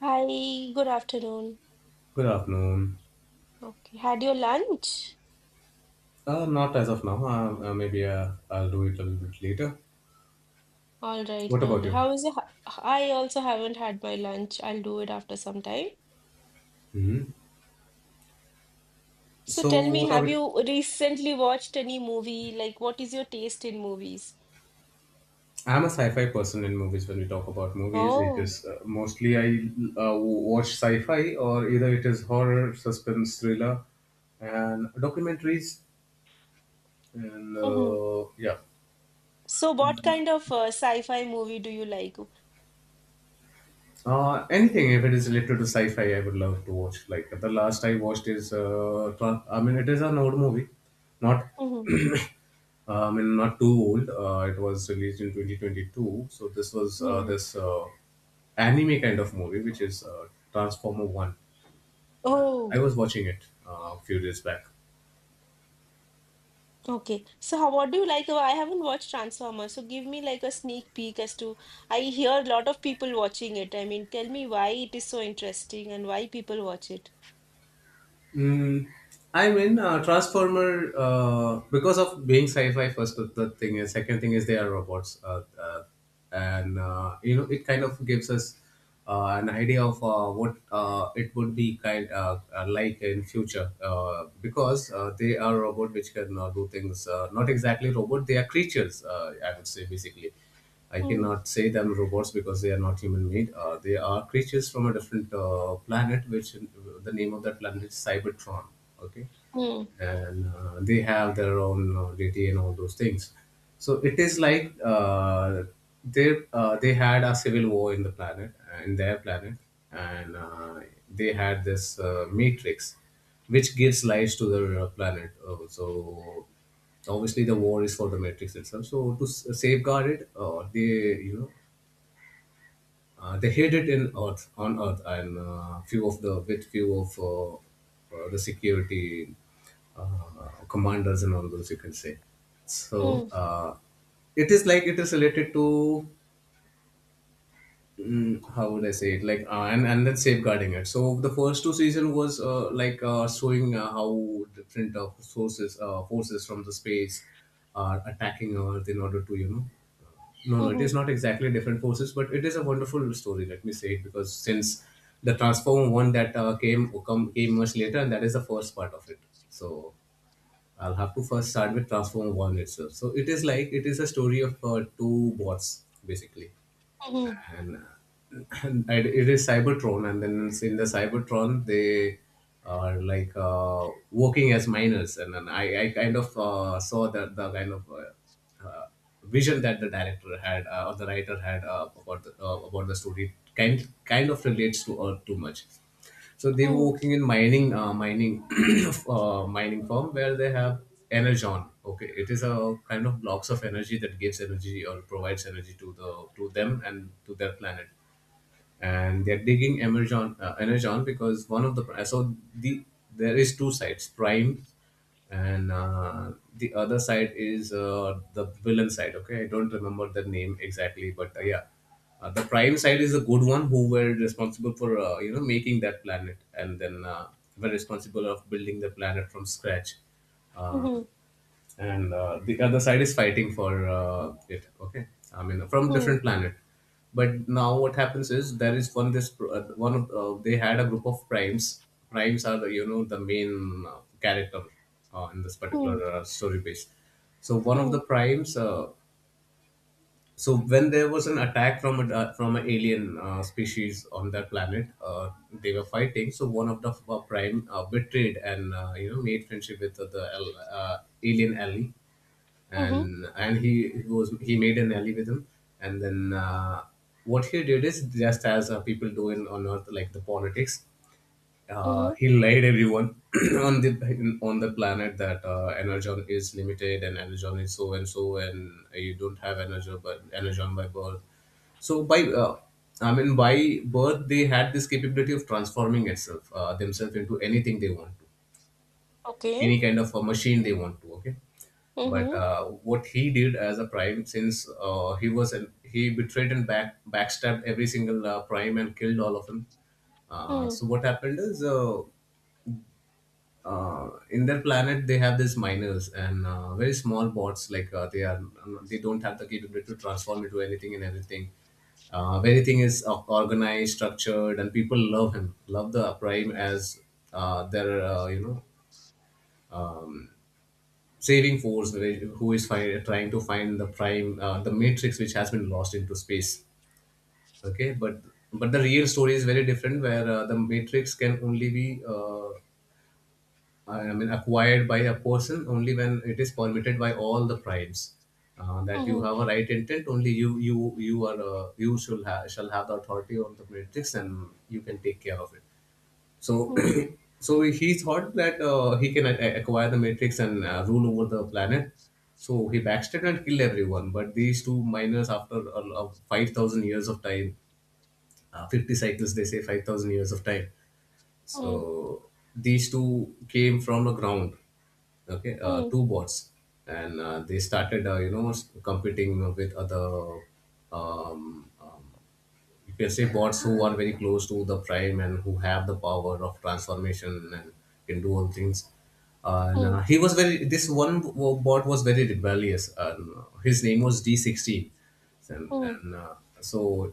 Hi, good afternoon. Good afternoon. Okay, had your lunch? Not as of now. Maybe I'll do it a little bit later. All right, What about lol. you? How is it? I also haven't had my lunch. I'll do it after some time. Hmm. So So, tell me, what are have we? you recently watched any movie? Like, what is your taste in movies? I'm a sci-fi person in movies. When we talk about movies, it Oh. is mostly I watch sci-fi, or either it is horror, suspense, thriller, and documentaries. And Hmm. Yeah, So what kind of sci-fi movie do you like? Anything if it is related to sci-fi, I would love to watch. Like the last I watched is, I mean, it is an old movie, not, Hmm. I mean, not too old. It was released in 2022, so this was uh, Hmm. this uh, anime kind of movie, which is Transformer One. Oh. I was watching it a few days back. Okay, so how, what do you like? I haven't watched Transformers, so give me like a sneak peek as to. I hear a lot of people watching it. I mean, tell me why it is so interesting and why people watch it. Mm, I'm in Transformer because of being sci-fi. First, of the thing is, second thing is they are robots, and it kind of gives us an idea of what it would be kind like in future, because they are robot which can do things. Not exactly robot, they are creatures. I would say, basically. I Mm, cannot say them robots because they are not human made. They are creatures from a different planet, which the name of that planet is Cybertron. Okay, mm, and they have their own deity and all those things. So it is like they had a civil war in the planet, in their planet, and they had this matrix, which gives life to the planet. So obviously the war is for the matrix itself, so to safeguard it, they you know they hid it in earth, on earth, and few of the with few of the security commanders and all those, you can say. So mm, it is like it is related to how would I say it? Like, and then safeguarding it. So the first two season was like showing how different sources forces from the space are attacking Earth in order to. No, no, it is mhm, not exactly different forces, but it is a wonderful story. Let me say it, because since the Transformer one that came much later, and that is the first part of it. So I'll have to first start with Transformer one itself. So it is like it is a story of two bots, basically, mhm, and, and it is Cybertron, and then in the Cybertron they are like working as miners. And then I kind of saw that the kind of vision that the director had or the writer had about the, about the story kind of relates to Earth too much. So they were mhm, working in mining firm where they have energon. Okay, it is a kind of blocks of energy that gives energy or provides energy to them and to their planet, and they're digging Amazon, Energon, because one of the there is two sides, Prime, and the other side is the villain side. Okay, I don't remember the name exactly, but the Prime side is the good one who were responsible for making that planet, and then were responsible of building the planet from scratch. mhm, Um, and the other side is fighting for it, okay, I mean, from mhm, different planet. But now what happens is, there is one this pr- one of they had a group of primes. Primes are the the main character in this particular mhm, story base. So one of the mhm, primes, so when there was an attack from a from an alien species on that planet, they were fighting, so one of the prime betrayed and made friendship with the alien ally. mhm, And he made an ally with him, and then what he did is just as people do in on earth, like the politics. Mhm. He lied everyone on the planet that energon is limited and energon is so and so, and you don't have energon but energon by birth. So by i mean by birth they had this capability of transforming itself themselves into anything they want to, Okay. any kind of a machine they want to. Okay, but Mhm, what he did as a prime, since he betrayed and backstabbed every single prime and killed all of them. Mm, So what happened is In their planet they have these miners, and very small bots. Like they are, they don't have the capability to transform into anything and everything. Everything is organized, structured, and people love the prime as their saving force, who is trying to find the prime, the matrix which has been lost into space. Okay, but the real story is very different, where the matrix can only be acquired by a person only when it is permitted by all the primes, that you mhm, have a right intent. Only you you are you shall have the authority on the matrix, and you can take care of it. So, mm, so he thought that he can acquire the Matrix and rule over the planet. So he backstabbed and killed everyone. But these two miners, after 5,000 years of time, 50 cycles, they say, 5,000 years of time. mm, So these two came from the ground. Okay, mm, two bots, and they started, competing with other um, um, you can say bots, who are very close to the prime and who have the power of transformation and can do all things. And mm, He was very. This one bot was very rebellious. And, his name was D 16, mm, and so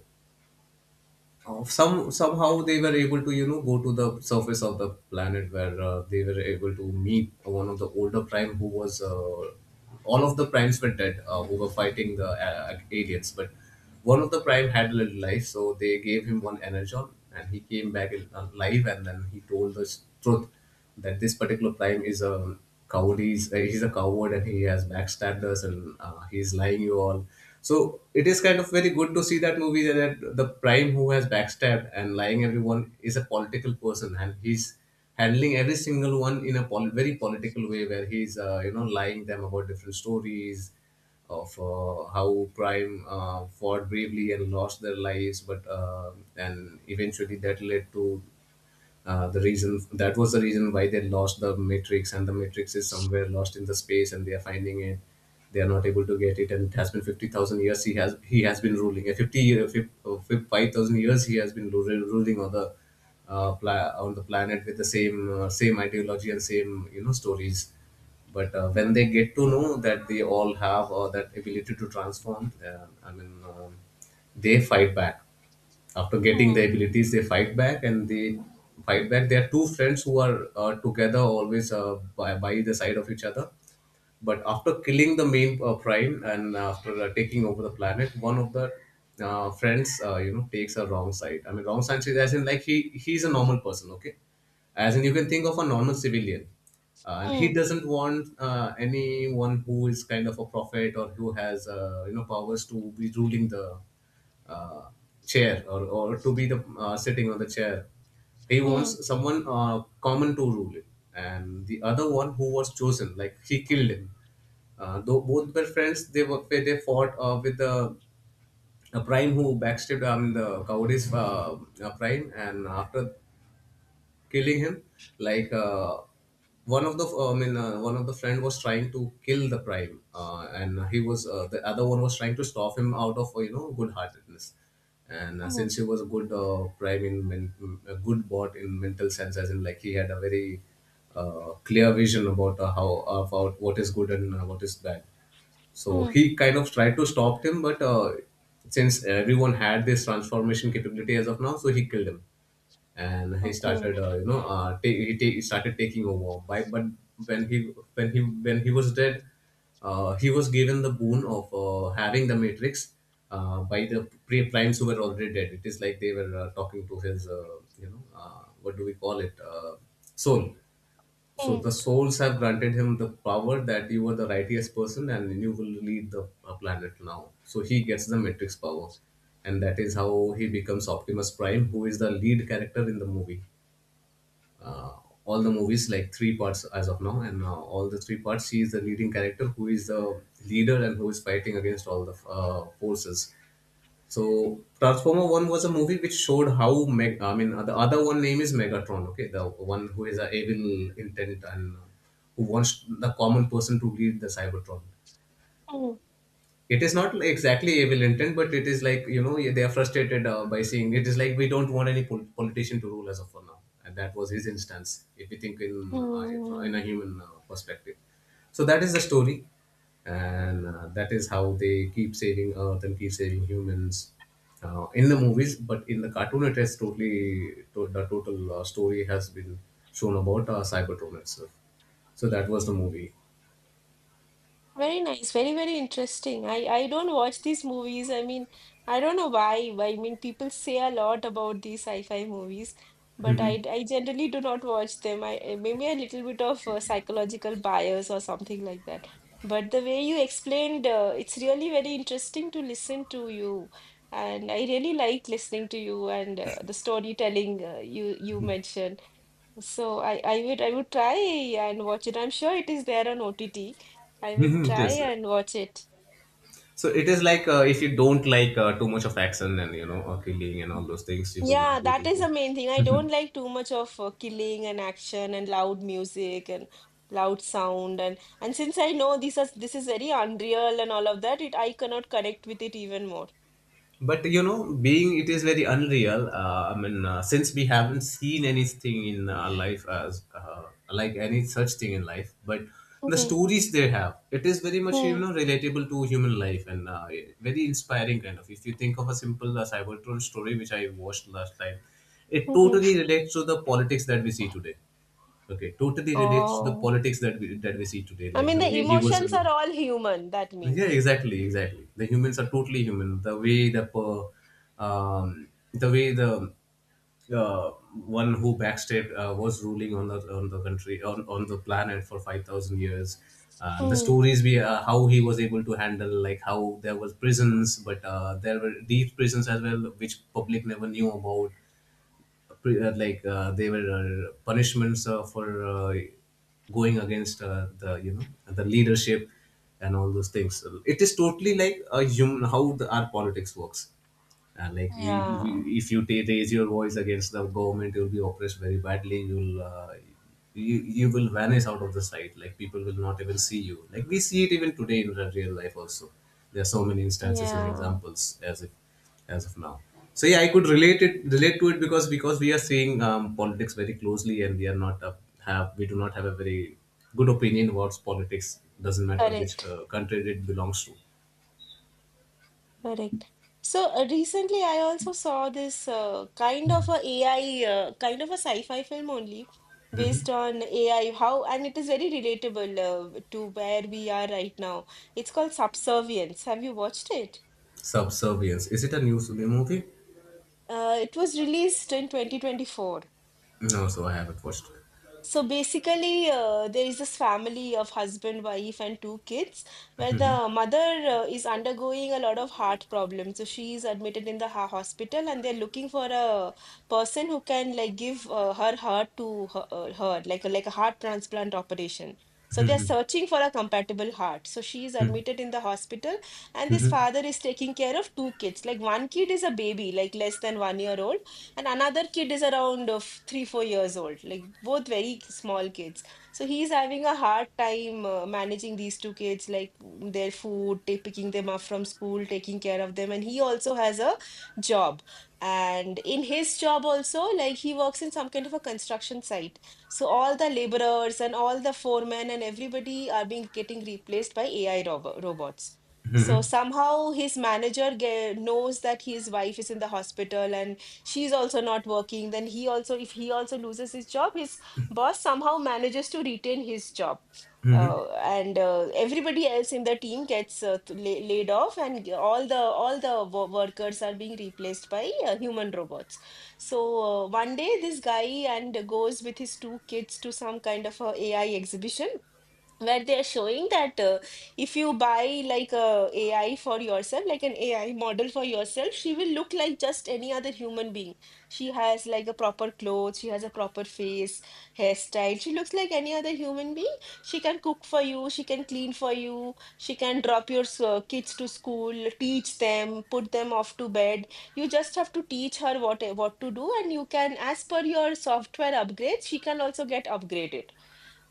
oh, somehow they were able to go to the surface of the planet, where they were able to meet one of the older prime who was all of the primes were dead, who were fighting the aliens. But one of the prime had a little life, so they gave him one energon, and he came back in, alive, and then he told the truth that this particular prime is a coward. He's, he's a coward, and he has backstabbed us, and he's lying you all. So it is kind of very good to see that movie, that the prime who has backstabbed and lying everyone is a political person, and he's handling every single one in a very political way, where he's lying them about different stories of how Prime fought bravely and lost their lives. But and eventually that led to the reason why they lost the matrix, and the matrix is somewhere lost in the space, and they are finding it, they are not able to get it. And it has been 50,000 years, he has been ruling. A 50 year, uh, 5,000 years he has been ruling on the on the planet, with the same ideology and same, you know, stories. But when mm, they get to know that they all have that ability to transform, they fight back. After getting the mm, abilities, they fight back, and they fight back they are two friends who are together always, by the side of each other. But after killing the main prime, and after taking over the planet, one of the friends, takes a wrong side. I mean, wrong side is, as in like, he's a normal person. Okay, as in you can think of a normal civilian, and he mm, doesn't want anyone who is kind of a prophet or who has powers to be ruling the uh, chair, or to be the sitting on the chair. He mm, wants someone common to rule it, and the other one who was chosen, like, he killed him. Though both were friends, they fought with the a prime who backstabbed the cowardice prime, and after killing him like uh, one of the one of the friend was trying to kill the prime, and he was the other one was trying to stop him out of good heartedness. And mm, since he was a good a good bot in mental sense, as in like he had a very clear vision about how about what is good and what is bad. So mm. he kind of tried to stop him, but since everyone had this transformation capability as of now, so he killed him, and he Okay. started, he started taking over. By but when he when he when he was dead, he was given the boon of having the Matrix by the pre primes who were already dead. It is like they were talking to his, you know, what do we call it, soul. So Mm, the souls have granted him the power that you are the righteous person and you will lead the planet now. So he gets the Matrix power, and that is how he becomes Optimus Prime, who is the lead character in the movie. Uh, all the movies, like three parts as of now, and all the three parts, he is the leading character, who is the leader and who is fighting against all the forces. So Transformer One was a movie which showed how the other one name is Megatron. Okay, the one who is a evil intent and who wants the common person to lead the Cybertron. mm, It is not exactly evil intent, but it is like, you know, they are frustrated by seeing, it is like we don't want any politician to rule us of for now, and that was his instance if we think mm. in a human perspective. So that is the story, and that is how they keep saving earth and keep saving humans in the movies, but in the cartoon it is the total story has been shown about cybertron itself. So that was the movie. Very nice, very, very interesting. I don't watch these movies. I mean, I don't know why. I mean, people say a lot about these sci-fi movies, but I, Mhm. I generally do not watch them. Maybe a little bit of psychological bias or something like that. But the way you explained, it's really very interesting to listen to you, and I really like listening to you and the storytelling you mentioned. So I would try and watch it. I'm sure it is there on OTT. I will Mhm, try yes. and watch it. So it is like, if you don't like too much of action and, you know, or killing and all those things, you will Yeah, not be that able is to. the main thing. I don't like too much of killing and action and loud music and loud sound and since I know this is very unreal and all of that, it I cannot connect with it even more. But you know, being it is very unreal. Since we haven't seen anything in our life as like any such thing in life, but the Hmm, stories they have, it is very much, you hmm, know, relatable to human life and very inspiring kind of. If you think of a simple Cybertron story which I watched last time, it hmm. totally relates to the politics that we see today. Okay, totally relates to the Oh, politics that we see today, I like mean the the way he was. emotions are all human, that Yeah, means. exactly, exactly. The humans are totally human. The way the per- um, the way the uh, one who backstabbed, was ruling on the country on the planet for 5,000 years. And the Hmm. stories we how he was able to handle, like how there was prisons, but there were deep prisons as well, which public never knew about. They were punishments for going against the, you know, the leadership and all those things. It is totally like a human, how the, our politics works. And like Yeah, if you ta raise your voice against the government, you'll be oppressed very badly, you'll you, you will vanish out of the sight, like people will not even see you, like we see it even today in the real life also. There are so many instances and yeah, examples as if as of now. So yeah, I could relate to it, because we are seeing politics very closely, and we are not have we do not have a very good opinion about politics, doesn't matter which correct. Country it belongs to. Correct. So recently, I also saw this kind of a AI, kind of a sci-fi film only based on AI. How and it is very relatable to where we are right now. It's called Subservience. Have you watched it? Subservience, is it a news movie? It was released in 2024. No, so I haven't watched it. So basically, there is this family of husband, wife, and two kids where the mother is undergoing a lot of heart problems. So she is admitted in the ha hospital, and they're looking for a person who can like give her heart to her, like a heart transplant operation. So they're searching for a compatible heart. So she is admitted in the hospital, and this father is taking care of two kids. Like one kid is a baby, like less than 1 year old, and another kid is around of 3 4 years old, like both very small kids. So he's having a hard time managing these two kids, like their food, picking them up from school, taking care of them. And he also has a job, and in his job also, like he works in some kind of a construction site. So all the laborers and all the foremen and everybody are being getting replaced by AI robots. So somehow his manager knows that his wife is in the hospital and she's also not working. Then he also, if he also loses his job, his boss somehow manages to retain his job. And Everybody else in the team gets laid off, and all the workers are being replaced by human robots. So one day this guy and goes with his two kids to some kind of a AI exhibition where they're showing that, if you buy like a AI for yourself, like an AI model for yourself, she will look like just any other human being. She has like a proper clothes, she has a proper face, hairstyle. She looks like any other human being. She can cook for you, she can clean for you, she can drop your kids to school, teach them, put them off to bed. You just have to teach her what to do, and you can, as per your software upgrades, she can also get upgraded.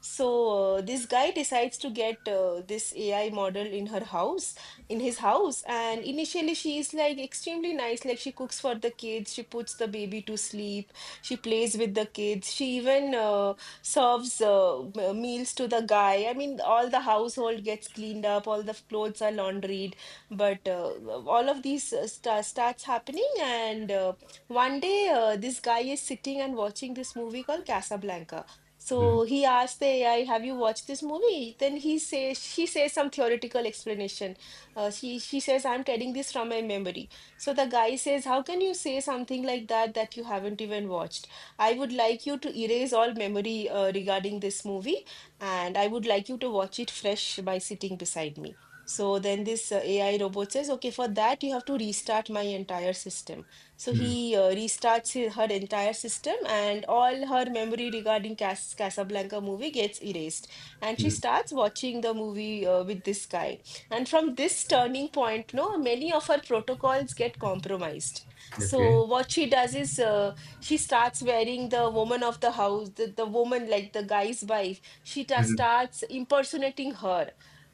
So this guy decides to get this AI model in her house, in his house, and initially she is like extremely nice. Like she cooks for the kids, she puts the baby to sleep, she plays with the kids, she even serves meals to the guy. I mean, all the household gets cleaned up, all the clothes are laundried, but all of these starts happening. And one day, this guy is sitting and watching this movie called Casablanca. So he asked the AI, "Have you watched this movie?" Then he says, she says some theoretical explanation. She says, "I'm telling this from my memory." So the guy says, "How can you say something like that, that you haven't even watched? I would like you to erase all memory regarding this movie, and I would like you to watch it fresh by sitting beside me." So then this AI robot says, "Okay, for that you have to restart my entire system." So he restarts his, her entire system, and all her memory regarding Casablanca movie gets erased. And she Mhm. starts watching the movie with this guy. And from this turning point, no, many of her protocols get compromised. So Okay. what she does is, she starts wearing the woman of the house, the woman like the guy's wife. She Mhm, starts impersonating her.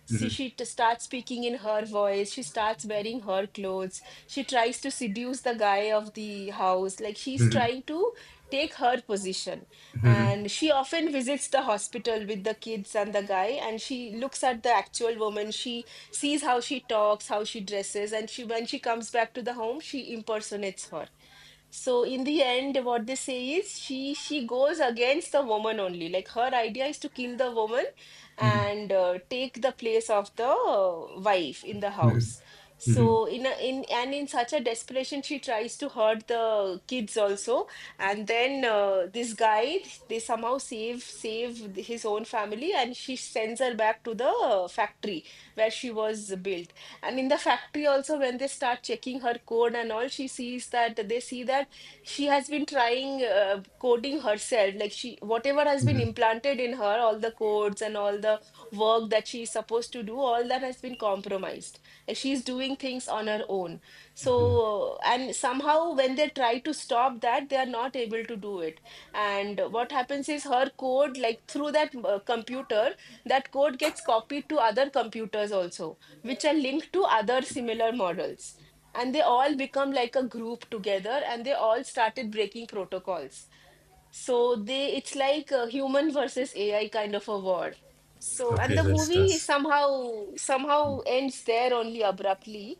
See, mhm, she starts speaking in her voice. She starts wearing her clothes, she tries to seduce the guy of the house, like she's trying to take her position. And she often visits the hospital with the kids and the guy, and she looks at the actual woman. She sees how she talks, how she dresses, and she, when she comes back to the home, she impersonates her. So in the end, what they say is, she goes against the woman only. Like her idea is to kill the woman mhm, and take the place of the wife in the house. So in a, in and in such a desperation, she tries to hurt the kids also. And then they somehow save his own family, and she sends her back to the factory where she was built. And in the factory also, when they start checking her code and all, she sees that they see that she has been trying coding herself. Like she whatever has been mhm. implanted in her, all the codes and all the work that she is supposed to do, all that has been compromised, and she's doing things on her own. So, and somehow when they try to stop that, they are not able to do it. And what happens is, her code, like through that computer, that code gets copied to other computers also, which are linked to other similar models. And they all become like a group together, and they all started breaking protocols. So they, it's like a human versus AI kind of a war. So, and Okay, the so it movie starts. somehow somehow ends there only abruptly.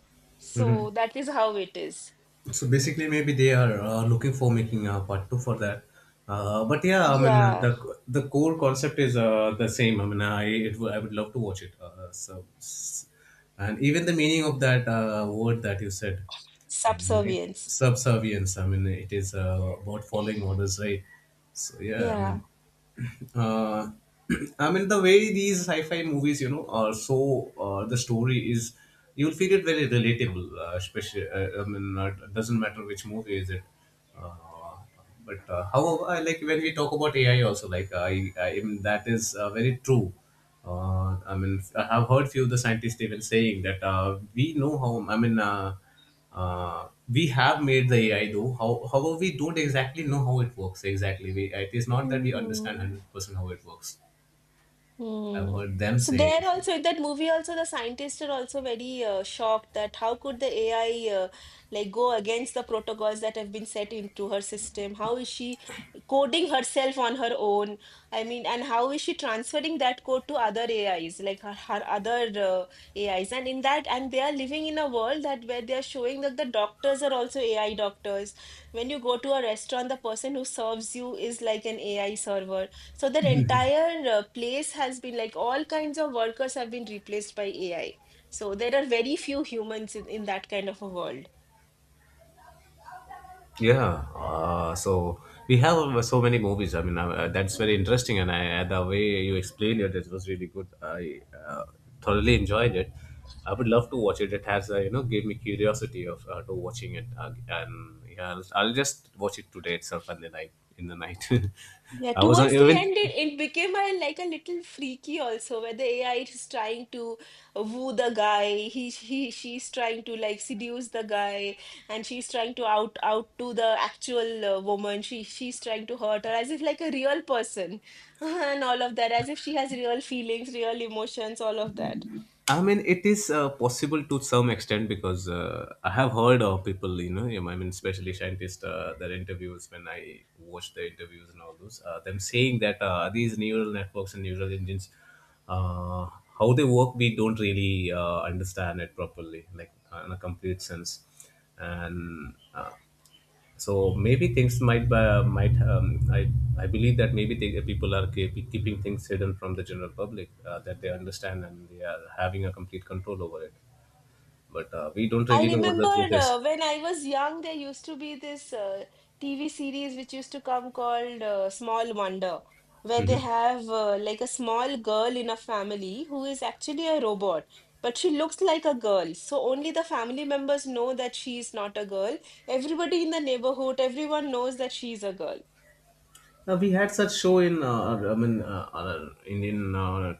Mhm. So that is how it is. So basically, maybe they are looking for making a part two for that. But yeah, I mean uh, the Yeah. the core concept is the same. I mean, I it, I would love to watch it. And even the meaning of that word that you said, um, it, Subservience. subservience. I mean, it is about following orders, right? So yeah, I Yeah. mean, uh, I mean the way these sci-fi movies, you know, are so the story is, you'll feel it very relatable. Especially, it doesn't matter which movie is it. Uh, but however, I like when we talk about AI also, like I mean, that is very true. I mean, I have heard few of the scientists even saying that we know how. I mean. We have made the AI though. However, we don't exactly know how it works exactly. It is not that we understand Mhm. 100% how it works. I've Hmm. heard them So saying there so. also in that movie also, the scientists are also very shocked that how could the AI like go against the protocols that have been set into her system? How is she coding herself on her own? I mean, and how is she transferring that code to other AIs, like her, her other AIs? And in that, and they are living in a world that where they are showing that the doctors are also AI doctors. When you go to a restaurant, the person who serves you is like an AI server. So that entire place has been, like all kinds of workers have been replaced by AI. So there are very few humans in that kind of a world. Yeah. So we have so many movies. I mean, that's very interesting, and the way you explained it, it was really good. I thoroughly enjoyed it. I would love to watch it. It has, you know, gave me curiosity of to watching it, and yeah, I'll just watch it today itself, and then I in the night. Yeah, I was on towards the even. end, it became a, like a little freaky also, where the AI is trying to woo the guy. She's trying to like seduce the guy, and she's trying to out out to the actual woman. She's trying to hurt her as if like a real person, and all of that, as if she has real feelings, real emotions, all of that. I mean, it is possible to some extent, because I have heard of people, you know, yeah, I mean, especially scientists, their interviews, when I watch the interviews and all those, them saying that these neural networks and neural engines, uh, how they work, we don't really understand it properly, like in a complete sense. And so maybe things might I believe that maybe they, people are keeping things hidden from the general public that they understand and they are having a complete control over it. But we don't I really know what the truth remembered is. when I was young, there used to be this TV series which used to come called Small Wonder, where they have like a small girl in a family who is actually a robot, but she looks like a girl. So only the family members know that she is not a girl. Everybody in the neighborhood, everyone knows that she is a girl. Now we had such show in Indian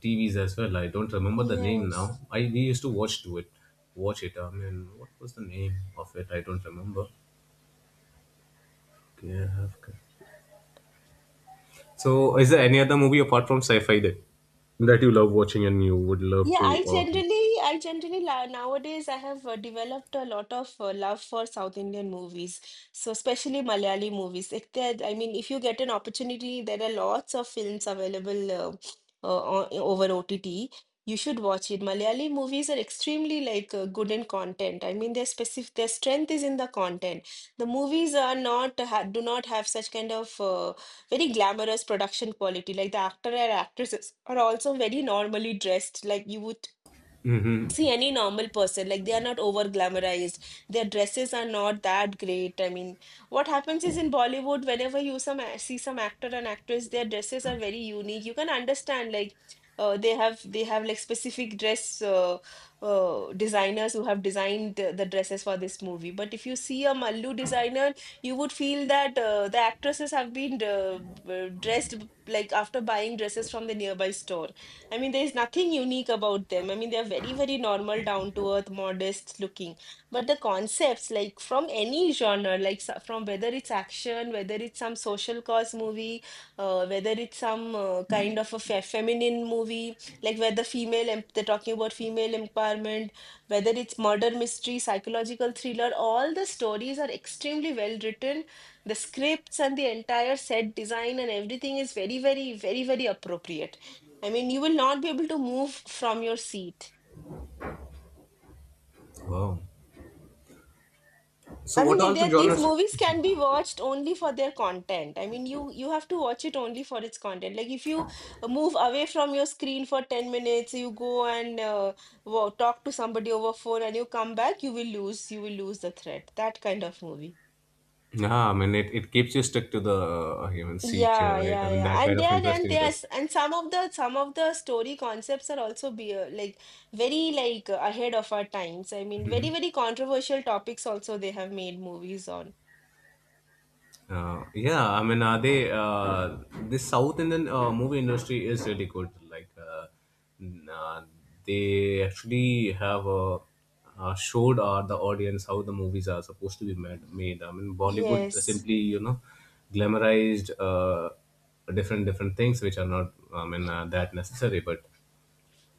TVs as well. I don't remember the name now. Yes. I we used to watch it. I mean, what was the name of it? I don't remember. Okay, I have. So, is there any other movie apart from sci-fi that? That you love watching and you would love to uh? Nowadays I have developed a lot of love for South Indian movies, so especially Malayali movies. If you get an opportunity, there are lots of films available over OTT. You should watch it. Malayali movies are extremely like good in content. I mean, their strength is in the content. The movies are not ha do not have such kind of very glamorous production quality. Like the actor and actresses are also very normally dressed. Like you would see any normal person, like they are not over glamorized, their dresses are not that great. I mean, what happens is in Bollywood, whenever you some see some actor and actress, their dresses are very unique. You can understand, like they have like specific dress designers who have designed the dresses for this movie. But if you see a Mallu designer, you would feel that the actresses have been dressed like after buying dresses from the nearby store. I mean, there's nothing unique about them. I mean, they're very, very normal, down to earth, modest looking. But the concepts, like from any genre, like from whether it's action, whether it's some social cause movie, whether it's some kind of a fe feminine movie, like they're talking about female empowerment, whether it's murder mystery, psychological thriller, all the stories are extremely well written. The scripts and the entire set design and everything is very, very, very, very appropriate. I mean, you will not be able to move from your seat. Wow. So, I what mean, are the there these genres? movies can be watched only for their content. I mean, you have to watch it only for its content. Like if you move away from your screen for 10 minutes, you go and talk to somebody over phone and you come back, you will lose the thread. That kind of movie. Yeah, I mean, it keeps you stuck to the human seat here, Yeah, right? yeah, I mean, yeah. that kind of and interesting it they is. and some of the story concepts are also be like very like ahead of our times. I mean, very, Mhm. very controversial topics also they have made movies on. Yeah, I mean, are they the South Indian movie industry is really good. Like, n- uh, they actually have showed the audience how the movies are supposed to be made. I mean, Bollywood Yes. simply, you know, glamorized different different things which are not, I mean, that necessary, but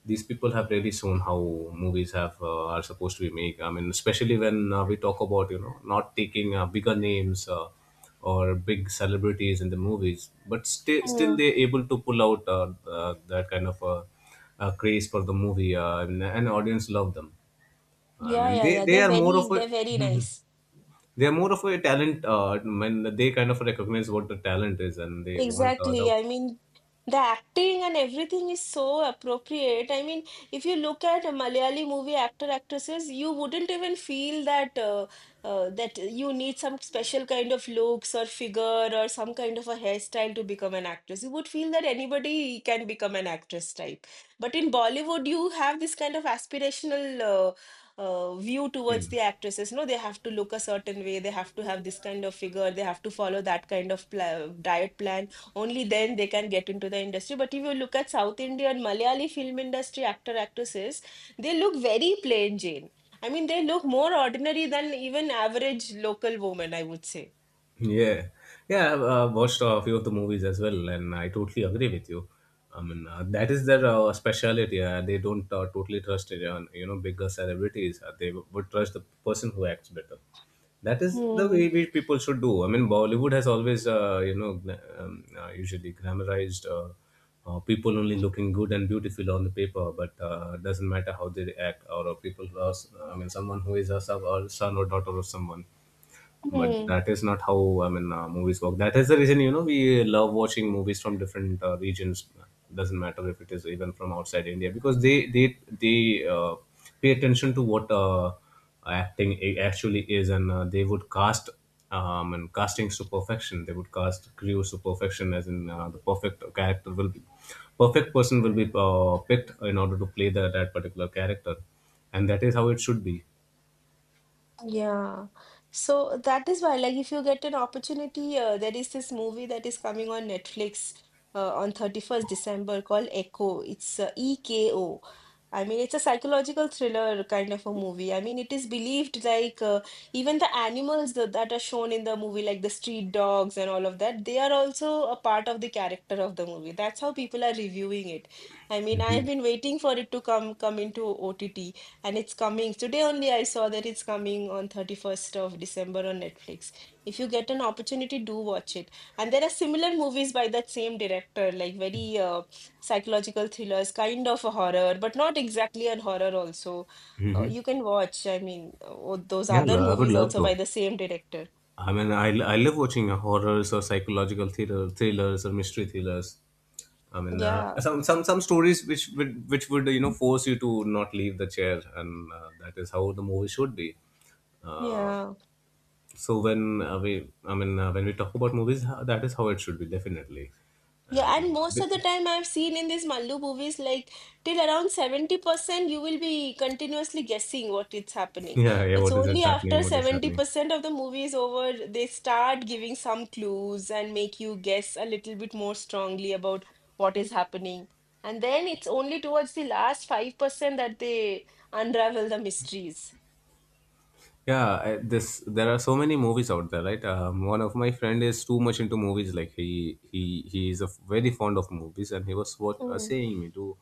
these people have really shown how movies have are supposed to be made. I mean, especially when we talk about, you know, not taking bigger names, or big celebrities in the movies, but still Hmm. they're able to pull out that kind of craze for the movie, and audience love them. I Yeah, mean, yeah, they yeah. they are more of a They're very nice. they are more of a talent, when they kind of recognize what the talent is and they want the Exactly. I mean, the acting and everything is so appropriate. I mean, if you look at a Malayali movie actor actresses, you wouldn't even feel that that you need some special kind of looks or figure or some kind of a hairstyle to become an actress. You would feel that anybody can become an actress type. But in Bollywood, you have this kind of aspirational view yeah. towards the actresses. No, they have to look a certain way, they have to have this kind of figure, they have to follow that kind of pla diet plan, only then they can get into the industry. But if you look at South Indian Malayali film industry actor actresses, they look very plain Jane. I mean, they look more ordinary than even average local woman, I would say. Yeah, yeah, I've watched a few of the movies as well, and I totally agree with you. I mean, that is their speciality. They don't totally trust it on, you know, bigger celebrities. They would trust the person who acts better. That is the way we people should do. I mean, Bollywood has always usually glamorized people only looking good and beautiful on the paper, but doesn't matter how they act, or people who are I mean, someone who is a sub or son or daughter of someone. But Hmm. that is not how, I mean, movies work. That is the reason, you know, we love watching movies from different regions. Doesn't matter if it is even from outside India, because they pay attention to what actually is, and they would cast and castings to perfection. They would cast crews to perfection, as in the perfect character will be perfect person will be picked in order to play that particular character, and that is how it should be. Yeah. So that is why, like, if you get an opportunity, there is this movie that is coming on Netflix on 31st December called Echo. It's EKO. It's a psychological thriller kind of a movie. I mean, it is believed like even the animals that are shown in the movie, like the street dogs and all of that, they are also a part of the character of the movie. That's how people are reviewing it. I mean, I've been waiting for it to come into OTT. And it's coming. Today only I saw that it's coming on 31st of December on Netflix. If you get an opportunity, do watch it. And there are similar movies by that same director, like very psychological thrillers, kind of a horror, but not exactly a horror also. Hmm. You can watch, I mean, those Yeah, other I would movies love also by to. the same director. I mean, I love watching horrors or psychological thrillers or mystery thrillers. I mean, Yeah, some stories which would force you to not leave the chair, and that is how the movie should be. Uh, yeah. so when we talk about movies, that is how it should be definitely. And Yeah, and uh, most the- of the time I've seen in these Mallu movies, like till around 70%, you will be continuously guessing what it's happening. yeah, yeah, It's what is it only after happening? What is happening? 70% of the movie is over, they start giving some clues and make you guess a little bit more strongly about what is happening. And then it's only towards the last 5% that they unravel the mysteries. Yeah, I, this there are so many movies out there, right? One of my friend is too much into movies. Like he is a very fond of movies, and he was what, Mm. saying me to,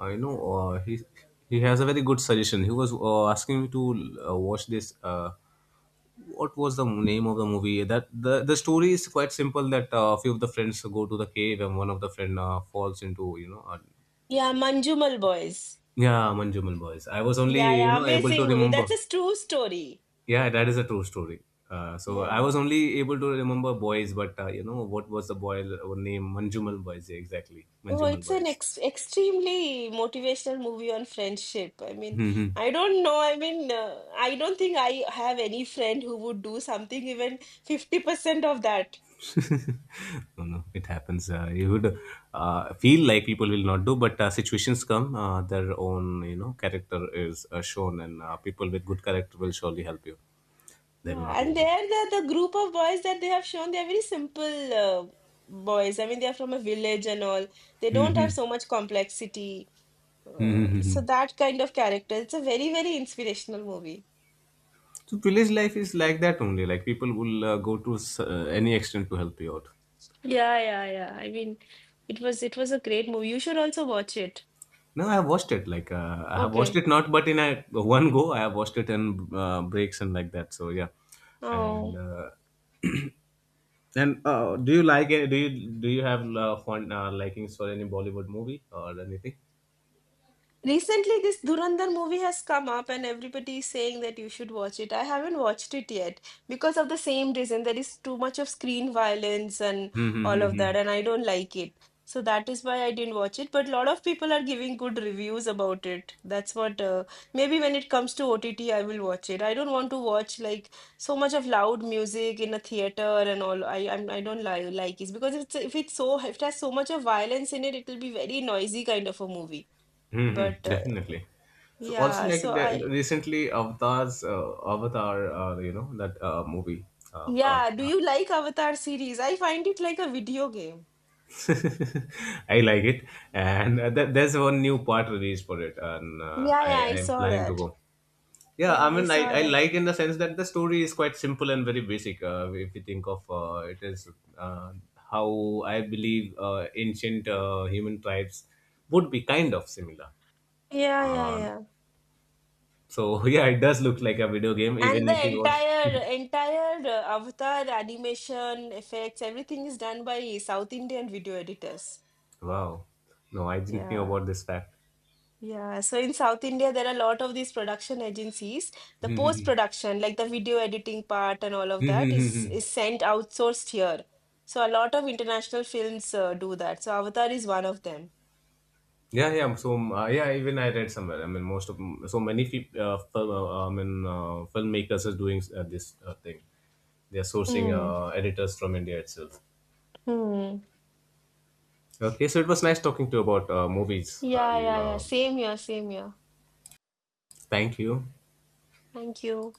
uh, you know, uh, he he has a very good suggestion. He was asking me to watch this. What was the name of the movie? That the story is quite simple. That a few of the friends go to the cave, and one of the friend falls into. Yeah, Manjumal Boys. Yeah, Manjumal Boys. I was only Yeah, yeah, able to amazing movie. remember. That's a true story. Yeah, that is a true story. So I was Yeah. only able to remember boys, but what was the boy name? Manjumal boys, yeah, exactly. Oh, Manjumal it's an boys. ex extremely motivational movie on friendship. I mean, Mhm. I don't know. I mean, I don't think I have any friend who would do something even 50% of that. no, no, it happens. You would feel like people will not do, but situations come. Their own, character is shown, and people with good character will surely help you. They will not Yeah, and leave you. there the group of boys that they have shown, they are very simple boys. I mean, they are from a village and all. They don't Mm-hmm. have so much complexity. So Mm-hmm. that kind of character. It's a very, very inspirational movie. So village life is like that only. Like people will any extent to help you out. Yeah, yeah, yeah. I mean, it was a great movie. You should also watch it. No, I have watched it. Like I have watched Okay. it not, but in a one go, I have watched it in breaks and like that. So yeah, and Oh. And do you like it? Do you have fun likings for any Bollywood movie or anything? Recently, this Dhurandhar movie has come up, and everybody is saying that you should watch it. I haven't watched it yet because of the same reason. There is too much of screen violence and Mm-hmm. all Hmm, of hmm, that, and I don't like it. So that is why I didn't watch it. But a lot of people are giving good reviews about it. That's what, maybe when it comes to OTT, I will watch it. I don't want to watch like so much of loud music in a theater and all. I don't li like it because it's, if it's so, if it has so much of violence in it, it will be very noisy kind of a movie. hmm. Hmm, hmm, But definitely. So also yeah, like so the I recently Avatar, that movie Avatar. yeah, do uh, you like Avatar series? I find it like a video game. I like it, and there's one new part released for it, and Yeah, yeah, I I am saw planning to that. go. Yeah, Yeah, I I mean, saw I that. like in the sense that the story is quite simple and very basic. If you think of it is uh, how I believe ancient human tribes would be kind of similar. Yeah, yeah, Um, yeah. so yeah, it does look like a video game, And even if the you watch. entire Avatar animation effects, everything is done by South Indian video editors. wow, no, I didn't know Yeah. about this fact. Yeah, so in South India, there are a lot of these production agencies. The post-production, like the video editing part and all of that, is sent outsourced here. So a lot of international films do that. So Avatar is one of them. Yeah, yeah. So yeah, even I read somewhere. I mean, so many people, filmmakers are doing this thing. They are sourcing Mm. Editors from India itself. Hmm. Okay, so it was nice talking to you about movies, Yeah, and yeah, yeah. Same here, same here. thank you. Thank you.